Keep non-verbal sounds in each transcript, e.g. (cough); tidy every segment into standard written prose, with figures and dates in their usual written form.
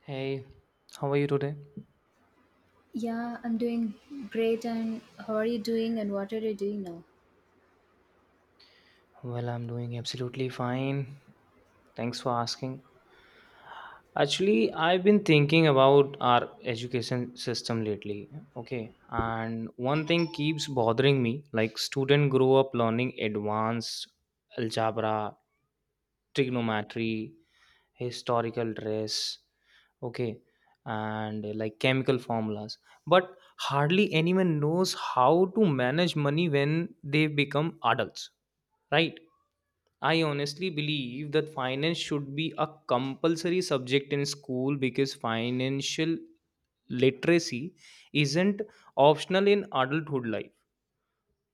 Hey, how are you today? Yeah, I'm doing great. And how are you doing? And what are you doing now? Well, I'm doing absolutely fine. Thanks for asking. Actually, I've been thinking about our education system lately. Okay, and one thing keeps bothering me, like, students grow up learning advanced algebra, trigonometry, historical dress, okay, and like chemical formulas, but hardly anyone knows how to manage money when they become adults. Right. I honestly believe that finance should be a compulsory subject in school because financial literacy isn't optional in adulthood life.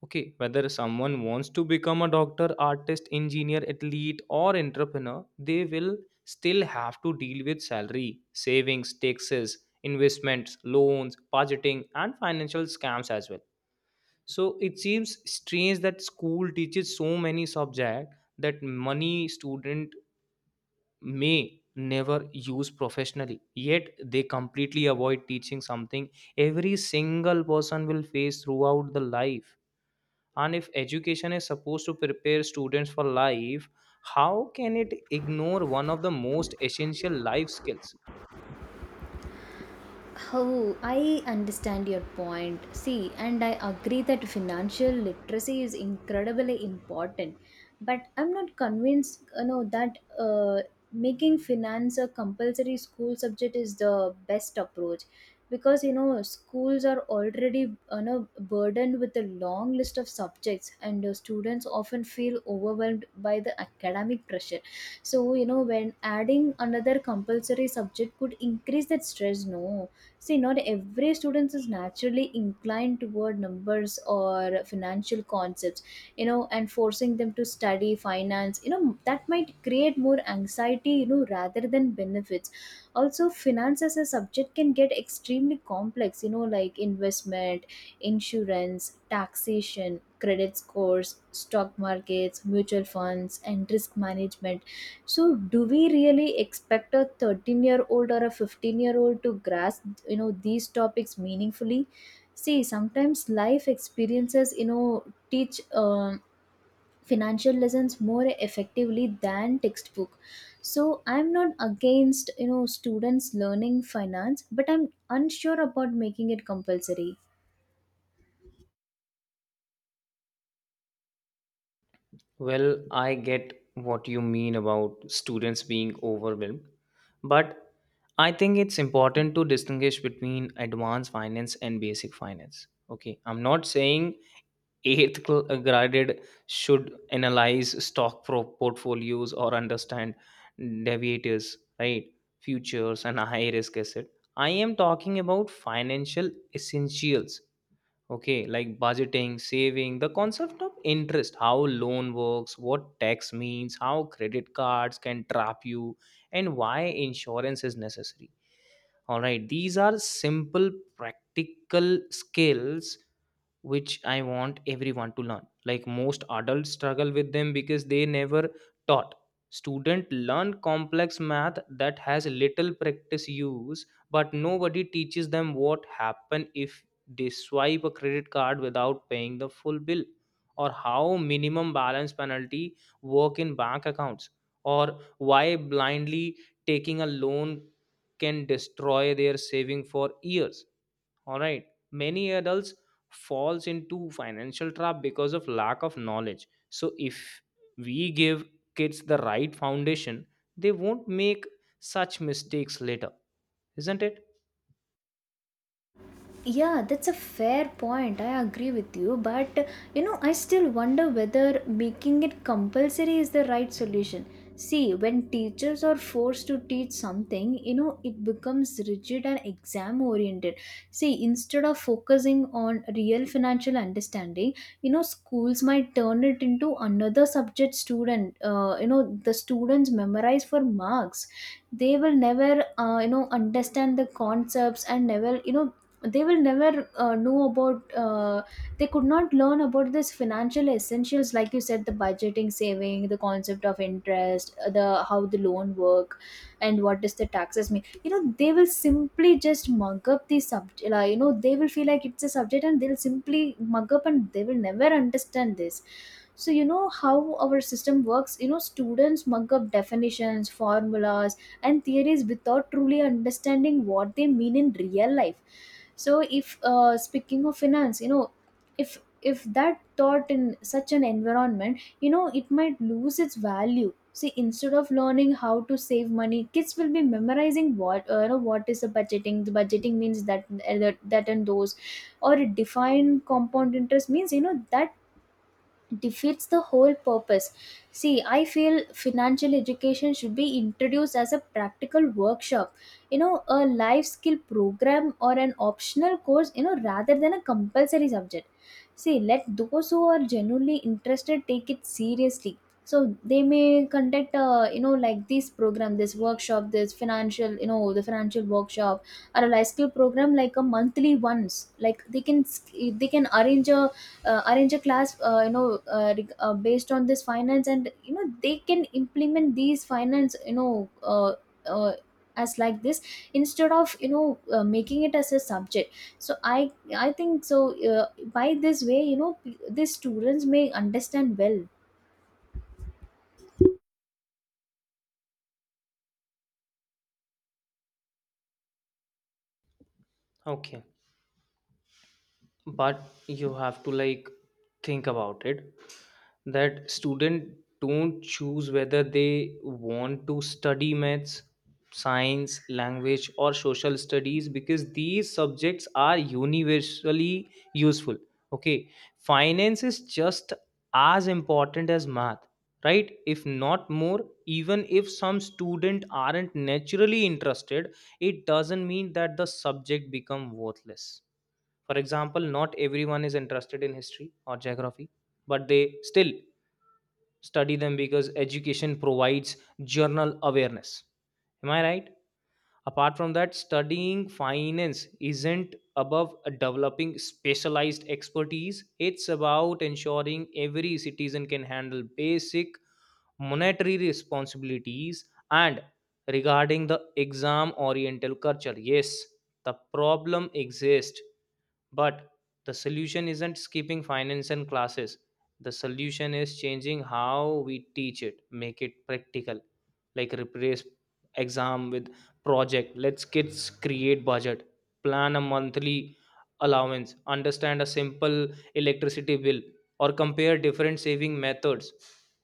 Okay, whether someone wants to become a doctor, artist, engineer, athlete, or entrepreneur, they will still have to deal with salary, savings, taxes, investments, loans, budgeting, and financial scams as well. So it seems strange that school teaches so many subjects that many student may never use professionally, yet they completely avoid teaching something every single person will face throughout the life. And if education is supposed to prepare students for life, how can it ignore one of the most essential life skills? Oh, I understand your point. See, and I agree that financial literacy is incredibly important, but I'm not convinced, you know, that making finance a compulsory school subject is the best approach, because you know schools are already, you know, burdened with a long list of subjects, and students often feel overwhelmed by the academic pressure. So you know, when adding another compulsory subject could increase that stress, no. See, not every student is naturally inclined toward numbers or financial concepts, you know, and forcing them to study finance, you know, that might create more anxiety, you know, rather than benefits. Also, finance as a subject can get extremely complex, you know, like investment, insurance, taxation, credit scores, stock markets, mutual funds, and risk management. So, do we really expect a 13-year-old or a 15-year-old to grasp, you know, these topics meaningfully? See, sometimes life experiences, you know, teach financial lessons more effectively than textbook. So, I'm not against, you know, students learning finance, but I'm unsure about making it compulsory. Well, I get what you mean about students being overwhelmed, but I think it's important to distinguish between advanced finance and basic finance. Okay, I'm not saying graded should analyze portfolios or understand deviators, right? Futures and high risk asset. I am talking about financial essentials. Okay, like budgeting, saving, the concept of interest, how loan works, what tax means, how credit cards can trap you, and why insurance is necessary. All right, these are simple practical skills, which I want everyone to learn. Like most adults struggle with them because they never taught. Student learn complex math that has little practice use, but nobody teaches them what happen if they swipe a credit card without paying the full bill, or how minimum balance penalty work in bank accounts, or why blindly taking a loan can destroy their saving for years. All right, many adults falls into financial trap because of lack of knowledge. So if we give kids the right foundation, they won't make such mistakes later, isn't it? Yeah, that's a fair point. I agree with you. But, you know, I still wonder whether making it compulsory is the right solution. See, when teachers are forced to teach something, you know, it becomes rigid and exam oriented. See, instead of focusing on real financial understanding, you know, schools might turn it into another subject student, you know, the students memorize for marks. They will never you know understand the concepts and never you know they will never know about they could not learn about this financial essentials like you said, the budgeting, saving, the concept of interest, the how the loan work, and what does the taxes mean. You know they will simply just mug up the subject, like, you know they will feel like it's a subject and they'll simply mug up and they will never understand this. So you know how our system works, you know students mug up definitions, formulas, and theories without truly understanding what they mean in real life. So if speaking of finance, you know, if that taught in such an environment, you know it might lose its value. See, instead of learning how to save money, kids will be memorizing what, you know, what is the budgeting, the budgeting means that that that and those or a defined compound interest means, you know, that defeats the whole purpose. See, I feel financial education should be introduced as a practical workshop, you know, a life skill program or an optional course, you know, rather than a compulsory subject. See, let those who are genuinely interested take it seriously. So they may conduct, you know, like this program, this workshop, this financial, you know, the financial workshop or a life skill program like a monthly once. They can arrange a class you know, based on this finance, and you know they can implement these finance you know uh, as like this, instead of you know making it as a subject. So I think uh, by this way, you know, these students may understand well. Okay, but you have to like think about it, that student don't choose whether they want to study maths, science, language, or social studies, because these subjects are universally useful. Okay, finance is just as important as math, right, if not more. Even if some student aren't naturally interested, it doesn't mean that the subject become worthless. For example, not everyone is interested in history or geography, but they still study them because education provides general awareness, am I right? Apart from that, studying finance isn't above developing specialized expertise, it's about ensuring every citizen can handle basic monetary responsibilities. And regarding the exam oriental culture, yes, the problem exists, but the solution isn't skipping finance and classes. The solution is changing how we teach it, make it practical. Like replace exam with project, let's kids create budget, plan a monthly allowance, understand a simple electricity bill, or compare different saving methods.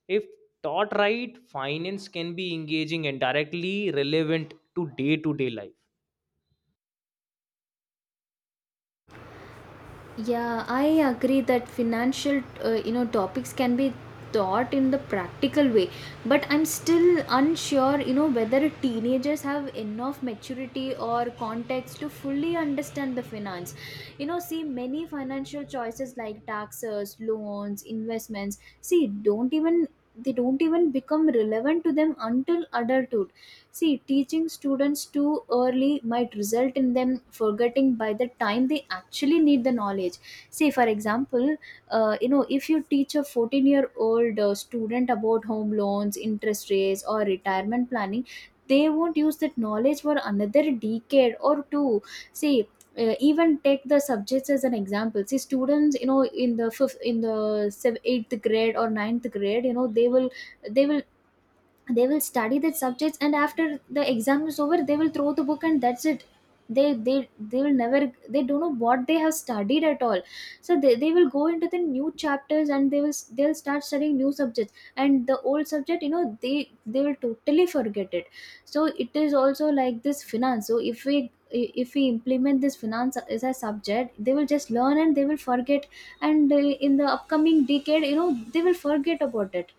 If taught right, finance can be engaging and directly relevant to day life. Yeah, I agree that financial, you know, topics can be taught in the practical way, but I'm still unsure, you know, whether teenagers have enough maturity or context to fully understand the finance. You know, see, many financial choices like taxes, loans, investments, see, don't even they don't even become relevant to them until adulthood. See, teaching students too early might result in them forgetting by the time they actually need the knowledge. See, for example, you know, if you teach a 14-year-old student about home loans, interest rates, or retirement planning, they won't use that knowledge for another decade or two. See, even take the subjects as an example. See students, you know, in the fifth, eighth grade or ninth grade, you know, they will they will study that subjects, and after the exam is over they will throw the book and that's it. They will never, they don't know what they have studied at all. So they will go into the new chapters, and they'll start studying new subjects, and the old subject, you know, they will totally forget it. So it is also like this finance. So if we implement this finance as a subject, they will just learn and they will forget, and in the upcoming decade, you know, they will forget about it.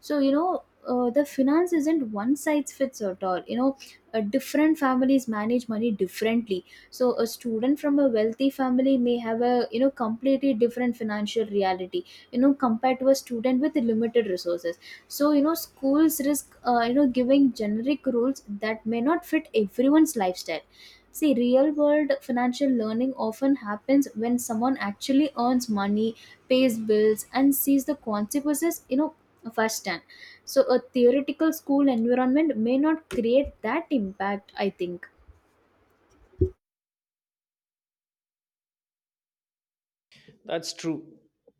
So you know, the finance isn't one size fits at all, you know, different families manage money differently. So a student from a wealthy family may have a, you know, completely different financial reality, you know, compared to a student with limited resources. So you know schools risk, you know, giving generic rules that may not fit everyone's lifestyle. See, real world financial learning often happens when someone actually earns money, pays bills, and sees the consequences, you know, firsthand. So a theoretical school environment may not create that impact, I think. That's true.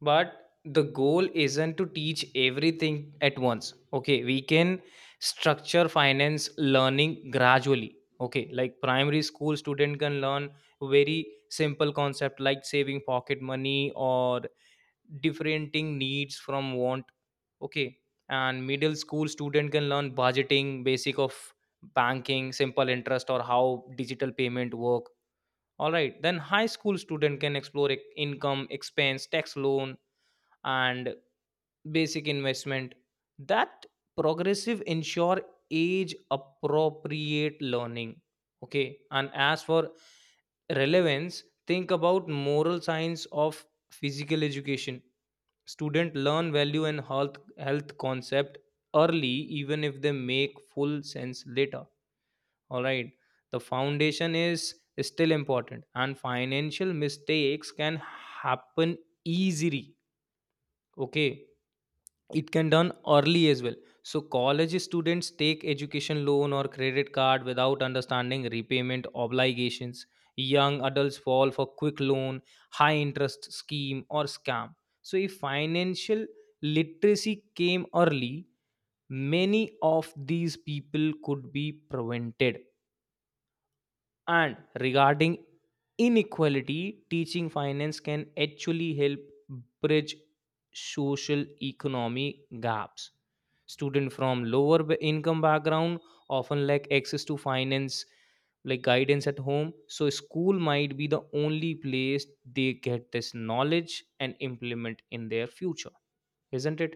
But the goal isn't to teach everything at once. Okay, we can structure finance learning gradually. Okay, like primary school student can learn very simple concept like saving pocket money or differenting needs from want. Okay, and middle school student can learn budgeting, basic of banking, simple interest, or how digital payment work. All right, then high school student can explore income, expense, tax, loan, and basic investment. That progressive ensure age appropriate learning. Okay, and as for relevance, think about moral science of physical education. Student learn value and health concept early, even if they make full sense later. All right, the foundation is still important, and financial mistakes can happen easily. Okay, it can done early as well. So college students take education loan or credit card without understanding repayment obligations. Young adults fall for quick loan, high interest scheme, or scam. So if financial literacy came early, many of these people could be prevented. And regarding inequality, teaching finance can actually help bridge social economy gaps. Students from income background often lack access to finance like guidance at home, so school might be the only place they get this knowledge and implement in their future, isn't it?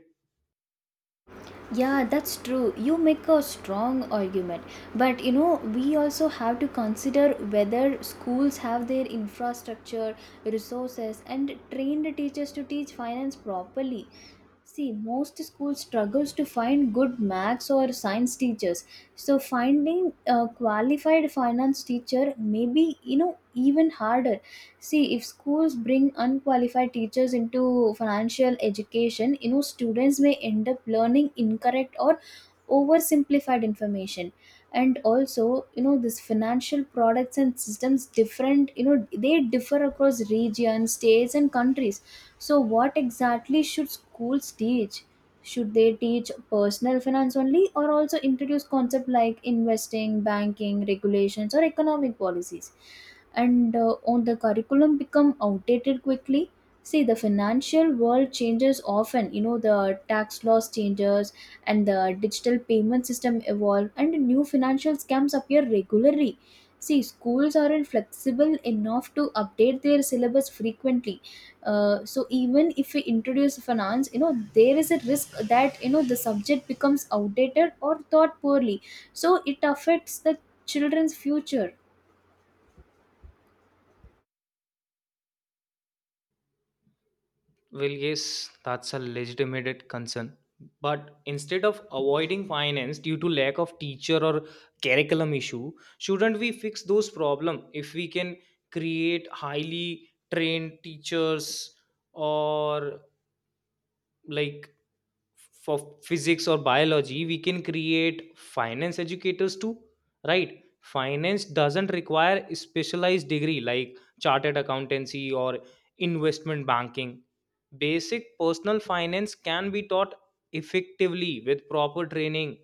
Yeah, that's true. You make a strong argument. But you know, we also have to consider whether schools have their infrastructure, resources, and trained teachers to teach finance properly. See, most schools struggles to find good maths or science teachers. So finding a qualified finance teacher may be, you know, even harder. See, if schools bring unqualified teachers into financial education, you know, students may end up learning incorrect or oversimplified information. And also, you know, this financial products and systems different, you know, they differ across regions, states, and countries. So, what exactly should schools teach? Should they teach personal finance only or also introduce concepts like investing, banking, regulations, or economic policies? And on the curriculum become outdated quickly. See the financial world changes often, you know, the tax laws changes, and the digital payment system evolve, and new financial scams appear regularly. See schools aren't flexible enough to update their syllabus frequently. So even if we introduce finance, you know, there is a risk that, you know, the subject becomes outdated or taught poorly. So it affects the children's future. Well, yes, that's a legitimate concern. But instead of avoiding finance due to lack of teacher or curriculum issue, shouldn't we fix those problem? If we can create highly trained teachers, or like for physics or biology, we can create finance educators too, right? Finance doesn't require a specialized degree like chartered accountancy or investment banking. Basic personal finance can be taught effectively with proper training,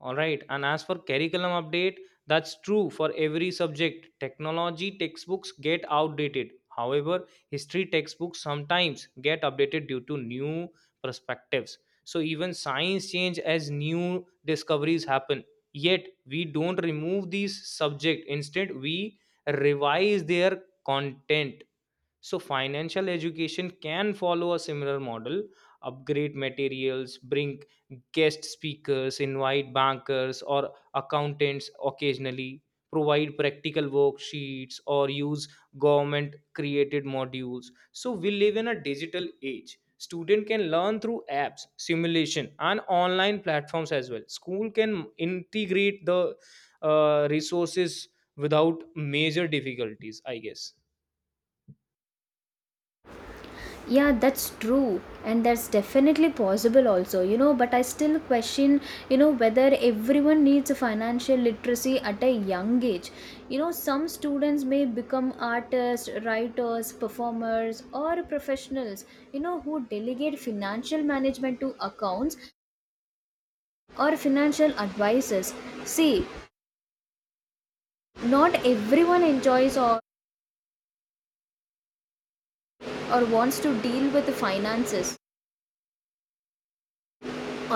all right. And as for curriculum update, that's true for every subject. Technology textbooks get outdated. However, history textbooks sometimes get updated due to new perspectives. So even science change as new discoveries happen. Yet we don't remove these subject. Instead, we revise their content. So, financial education can follow a similar model, upgrade materials, bring guest speakers, invite bankers or accountants occasionally, provide practical worksheets, or use government created modules. So, we live in a digital age. Student can learn through apps, simulation, and online platforms as well. School can integrate the resources without major difficulties, I guess. Yeah, that's true, and that's definitely possible also, you know. But I still question, you know, whether everyone needs a financial literacy at a young age. You know, some students may become artists, writers, performers, or professionals, you know, who delegate financial management to accounts or financial advisors. See, not everyone enjoys or wants to deal with finances.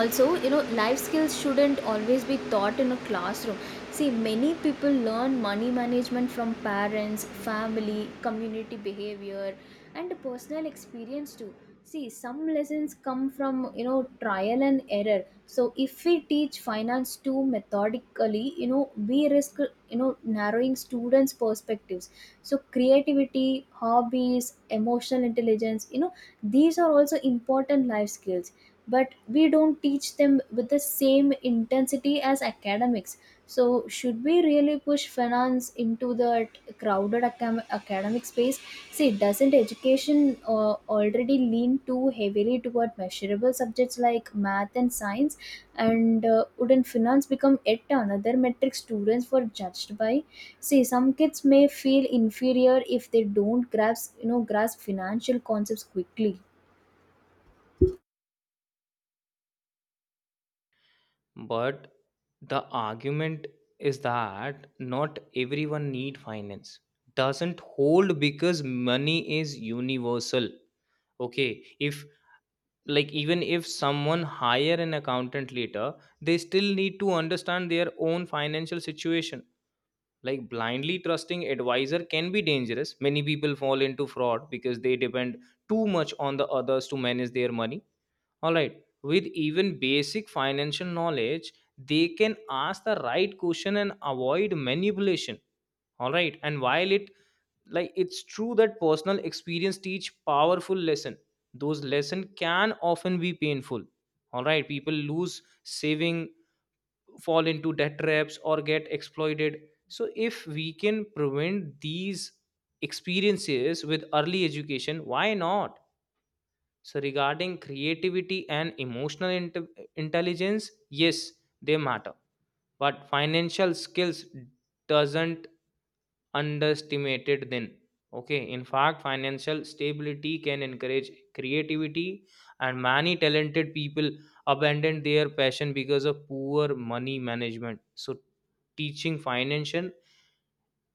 Also you know life skills shouldn't always be taught in a classroom. See many people learn money management from parents, family, community behavior, and personal experience too. See some lessons come from, you know, trial and error. So if we teach finance too methodically, you know, we risk, you know, narrowing students perspectives. So creativity, hobbies, emotional intelligence, you know, these are also important life skills, but we don't teach them with the same intensity as academics. So should we really push finance into the crowded academic space? See doesn't education already lean too heavily toward measurable subjects like math and science? And wouldn't finance become yet another metric students were judged by? See some kids may feel inferior if they don't grasp, you know, grasp financial concepts quickly. But the argument is that not everyone need finance doesn't hold because money is universal. Okay, if, like, even if someone hire an accountant later, they still need to understand their own financial situation. Like blindly trusting advisor can be dangerous. Many people fall into fraud because they depend too much on the others to manage their money. All right, with even basic financial knowledge, they can ask the right question and avoid manipulation. All right, and while it's true that personal experience teach powerful lesson, those lesson can often be painful. All right, people lose saving, fall into debt traps, or get exploited. So if we can prevent these experiences with early education, why not? So, regarding creativity and emotional intelligence, yes, they matter. But financial skills doesn't underestimated then. Okay, in fact, financial stability can encourage creativity, and many talented people abandon their passion because of poor money management. So, teaching financial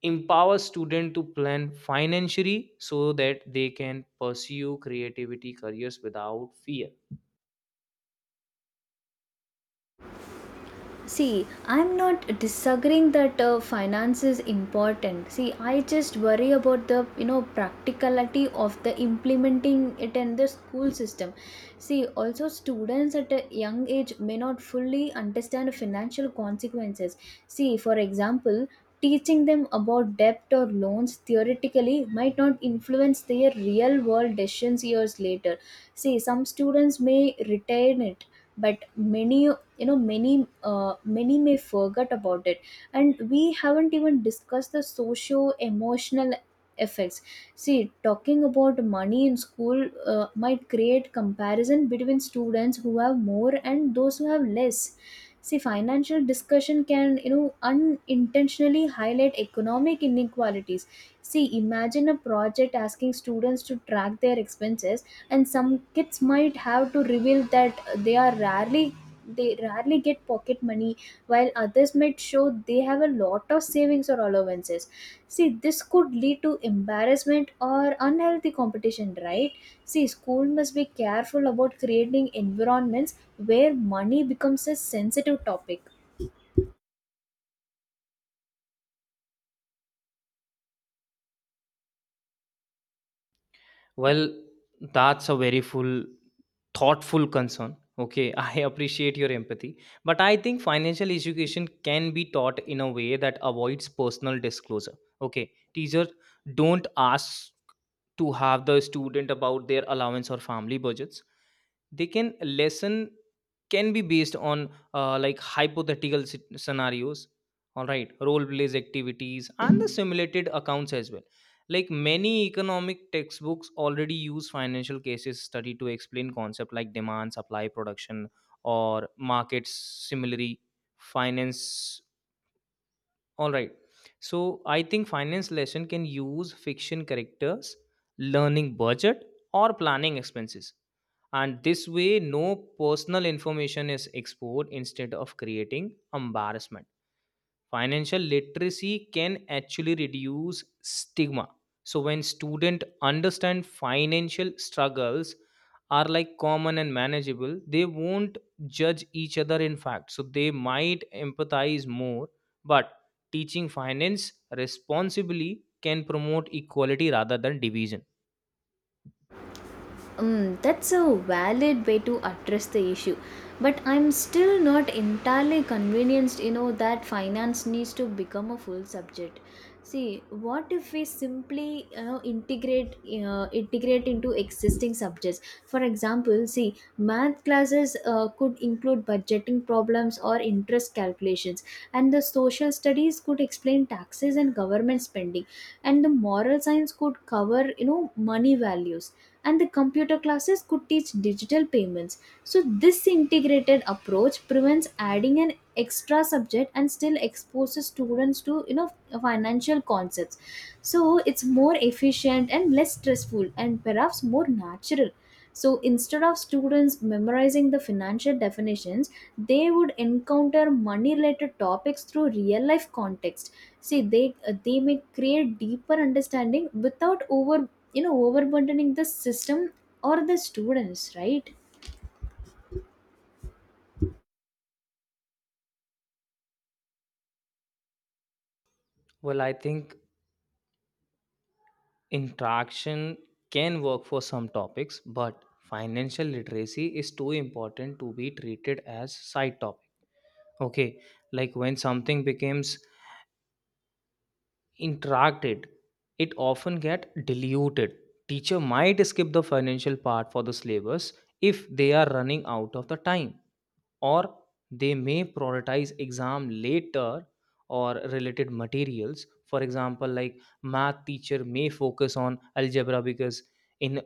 empowers students to plan financially so that they can pursue creativity careers without fear. See, I'm not disagreeing that finance is important. See, I just worry about the, you know, practicality of the implementing it in the school system. See, also students at a young age may not fully understand financial consequences. See, for example, teaching them about debt or loans theoretically might not influence their real world decisions years later. See, some students may retain it, but many, you know, many, many may forget about it. And we haven't even discussed the socio emotional effects. See talking about money in school, might create comparison between students who have more and those who have less. See financial discussion can, you know, unintentionally highlight economic inequalities. See imagine a project asking students to track their expenses, and some kids might have to reveal that they are rarely they rarely get pocket money, while others might show they have a lot of savings or allowances. See, this could lead to embarrassment or unhealthy competition, right? See, school must be careful about creating environments where money becomes a sensitive topic. Well, that's a very full, thoughtful concern. Okay, (laughs) I appreciate your empathy, but I think financial education can be taught in a way that avoids personal disclosure. Okay, teachers don't ask to have the student about their allowance or family budgets. They can lesson can be based on like hypothetical scenarios, all right, role plays, activities, and the simulated accounts as well. Like many economic textbooks already use financial cases study to explain concept like demand, supply, production, or markets. Similarly, finance, all right. So I think finance lesson can use fiction characters, learning budget, or planning expenses. And this way no personal information is exposed. Instead of creating embarrassment, financial literacy can actually reduce stigma. So when students understand financial struggles are like common and manageable, they won't judge each other. In fact, so they might empathize more. But teaching finance responsibly can promote equality rather than division. Mm, that's a valid way to address the issue. But I'm still not entirely convinced, you know, that finance needs to become a full subject. See, what if we simply, you know, integrate into existing subjects? For example, see, math classes could include budgeting problems or interest calculations, and the social studies could explain taxes and government spending, and the moral science could cover, you know, money values, and the computer classes could teach digital payments. So this integrated approach prevents adding an extra subject and still exposes students to financial concepts, so it's more efficient and less stressful and perhaps more natural. So instead of students memorizing the financial definitions, they would encounter money related topics through real life context. See they may create deeper understanding without overburdening the system or the students, right? Well, I think interaction can work for some topics, but financial literacy is too important to be treated as side topic. Okay, like when something becomes interacted, it often get diluted. Teacher might skip the financial part for the syllabus if they are running out of the time, or they may prioritize exam later or related materials. For example, like math teacher may focus on algebra because in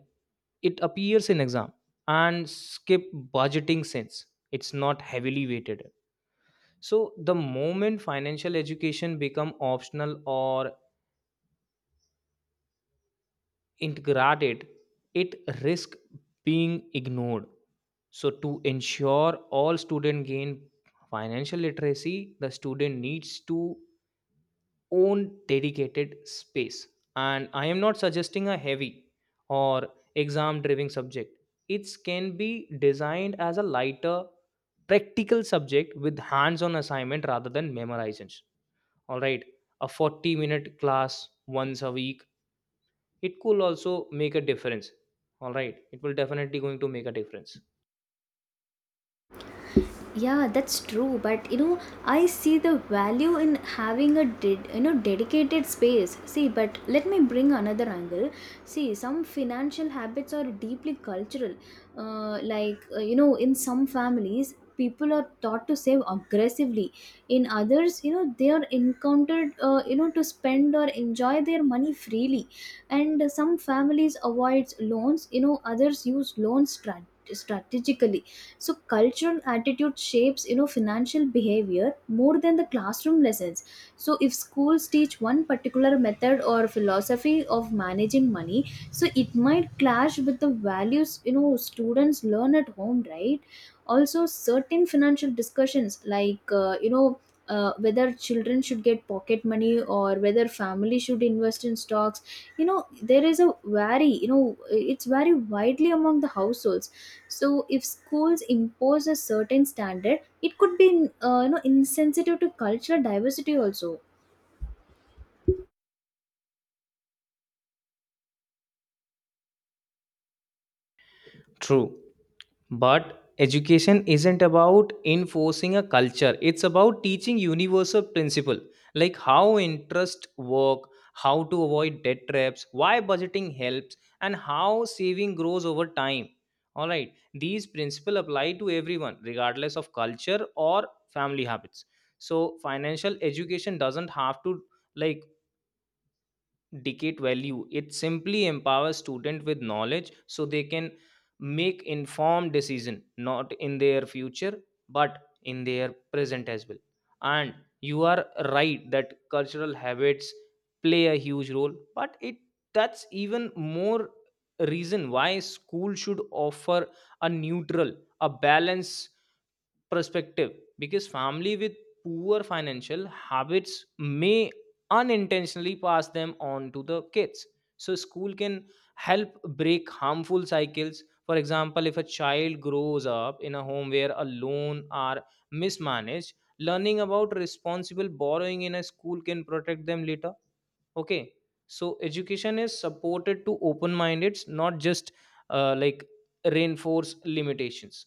it appears in exam, and skip budgeting since it's not heavily weighted. So the moment financial education become optional or integrated, it risk being ignored. So to ensure all students gain financial literacy, the student needs to own dedicated space. And I am not suggesting a heavy or exam driven subject. It can be designed as a lighter practical subject with hands on assignment rather than memorization. All right, a 40-minute class once a week, it could also make a difference. All right, it will definitely going to make a difference. Yeah, that's true, but you know, I see the value in having a dedicated space. See, but let me bring another angle. See, some financial habits are deeply cultural, like you know, in some families people are taught to save aggressively. In others, you know, they are encountered you know, to spend or enjoy their money freely, and some families avoids loans, you know, others use strategically. So culture and attitude shapes, you know, financial behavior more than the classroom lessons. So if schools teach one particular method or philosophy of managing money, so it might clash with the values, you know, students learn at home, right? Also, certain financial discussions, like you know, whether children should get pocket money or whether family should invest in stocks, you know, there is a vary you know it's very widely among the households. So if schools impose a certain standard, it could be, you know, insensitive to cultural diversity also. True. But education isn't about enforcing a culture, it's about teaching universal principle like how interest work, how to avoid debt traps, why budgeting helps, and how saving grows over time. All right, these principles apply to everyone regardless of culture or family habits. So financial education doesn't have to, like, decade value. It simply empowers student with knowledge so they can make informed decision not in their future but in their present as well. And you are right that cultural habits play a huge role, but it that's even more reason why school should offer a neutral, a balance perspective. Because family with poor financial habits may unintentionally pass them on to the kids. So school can help break harmful cycles. For example, if a child grows up in a home where a loan are mismanaged, learning about responsible borrowing in a school can protect them later. Okay, so education is supported to open minded, not just uh, like reinforce limitations.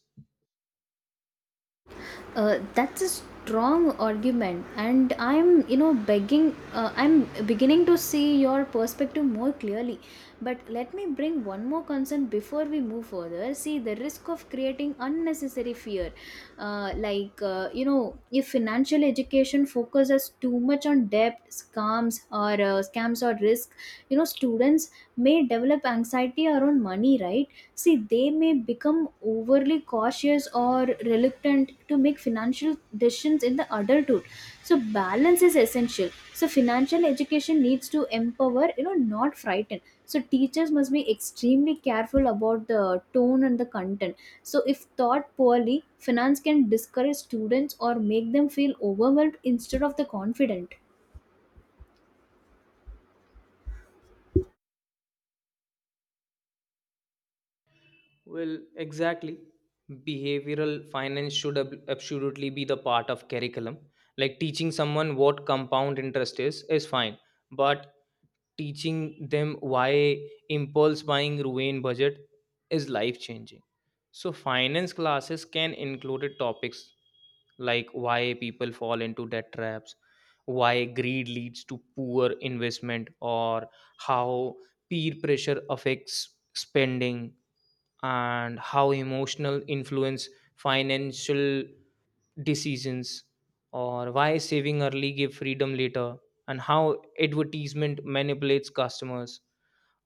That's a strong argument, and I'm beginning to see your perspective more clearly. But let me bring one more concern before we move further. See, the risk of creating unnecessary fear, like you know, if financial education focuses too much on debt scams or scams or risk, you know, students may develop anxiety around money, right? See, they may become overly cautious or reluctant to make financial decisions in the adulthood. So balance is essential. So financial education needs to empower, you know, not frighten. So teachers must be extremely careful about the tone and the content. So if taught poorly, finance can discourage students or make them feel overwhelmed instead of the confident. Well, exactly. Behavioral finance should absolutely be the part of curriculum. Like teaching someone what compound interest is fine, but teaching them why impulse buying ruin budget is life changing. So finance classes can include topics like why people fall into debt traps, why greed leads to poor investment, or how peer pressure affects spending, and how emotional influence financial decisions, or why saving early give freedom later, and how advertisement manipulates customers.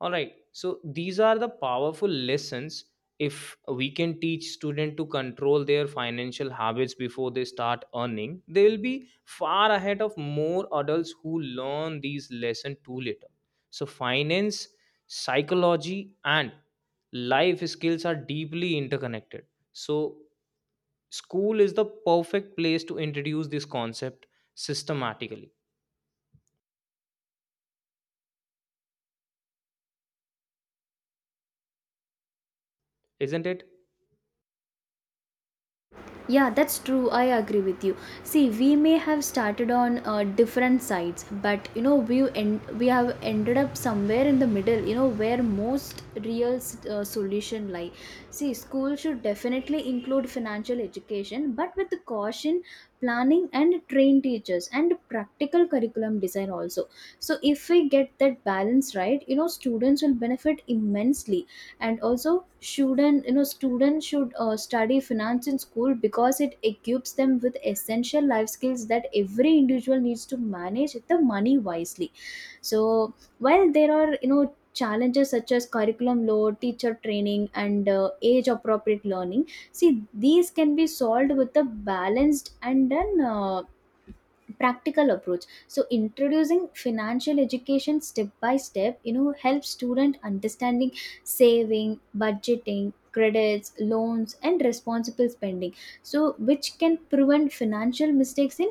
All right, so these are the powerful lessons. If we can teach students to control their financial habits before they start earning, they will be far ahead of more adults who learn these lessons too later. So finance, psychology, and life skills are deeply interconnected. So school is the perfect place to introduce this concept systematically, isn't it? Yeah, that's true. I agree with you. See, we may have started on different sides, but you know, we have ended up somewhere in the middle, you know, where most real solution lie. See, school should definitely include financial education, but with the caution, planning, and trained teachers and practical curriculum design also. So if we get that balance right, you know, students will benefit immensely. And also, shouldn't, you know, students should study finance in school, because it equips them with essential life skills that every individual needs to manage the money wisely. So while there are, you know, challenges such as curriculum load, teacher training, and age appropriate learning, see, these can be solved with a balanced and an practical approach. So introducing financial education step by step, you know, helps student understanding saving, budgeting, credits, loans, and responsible spending, so which can prevent financial mistakes in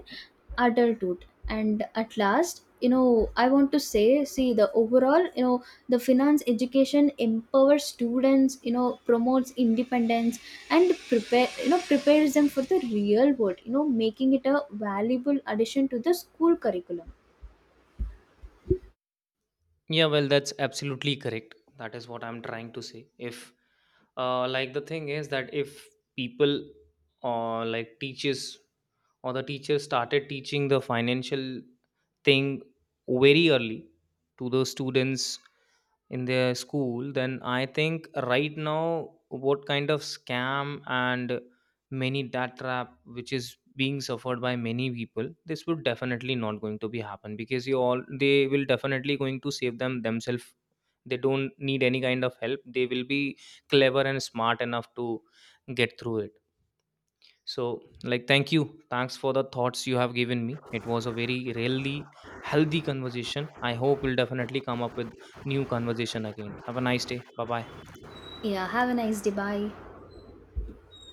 adulthood. And at last, you know, I want to say, see, the overall, you know, the finance education empowers students, you know, promotes independence, and prepares them for the real world, you know, making it a valuable addition to the school curriculum. Yeah, well, that's absolutely correct. That is what I'm trying to say. If, the thing is that if people or like teachers or the teacher started teaching the financial thing very early to the students in their school, then I think right now what kind of scam and many debt trap which is being suffered by many people, this would definitely not going to be happen, because you all they will definitely going to save them themselves. They don't need any kind of help. They will be clever and smart enough to get through it. So like, thank you, thanks for the thoughts you have given me. It was a very really healthy conversation. I hope we'll definitely come up with new conversation again. Have a nice day. Bye bye. Yeah, have a nice day, bye.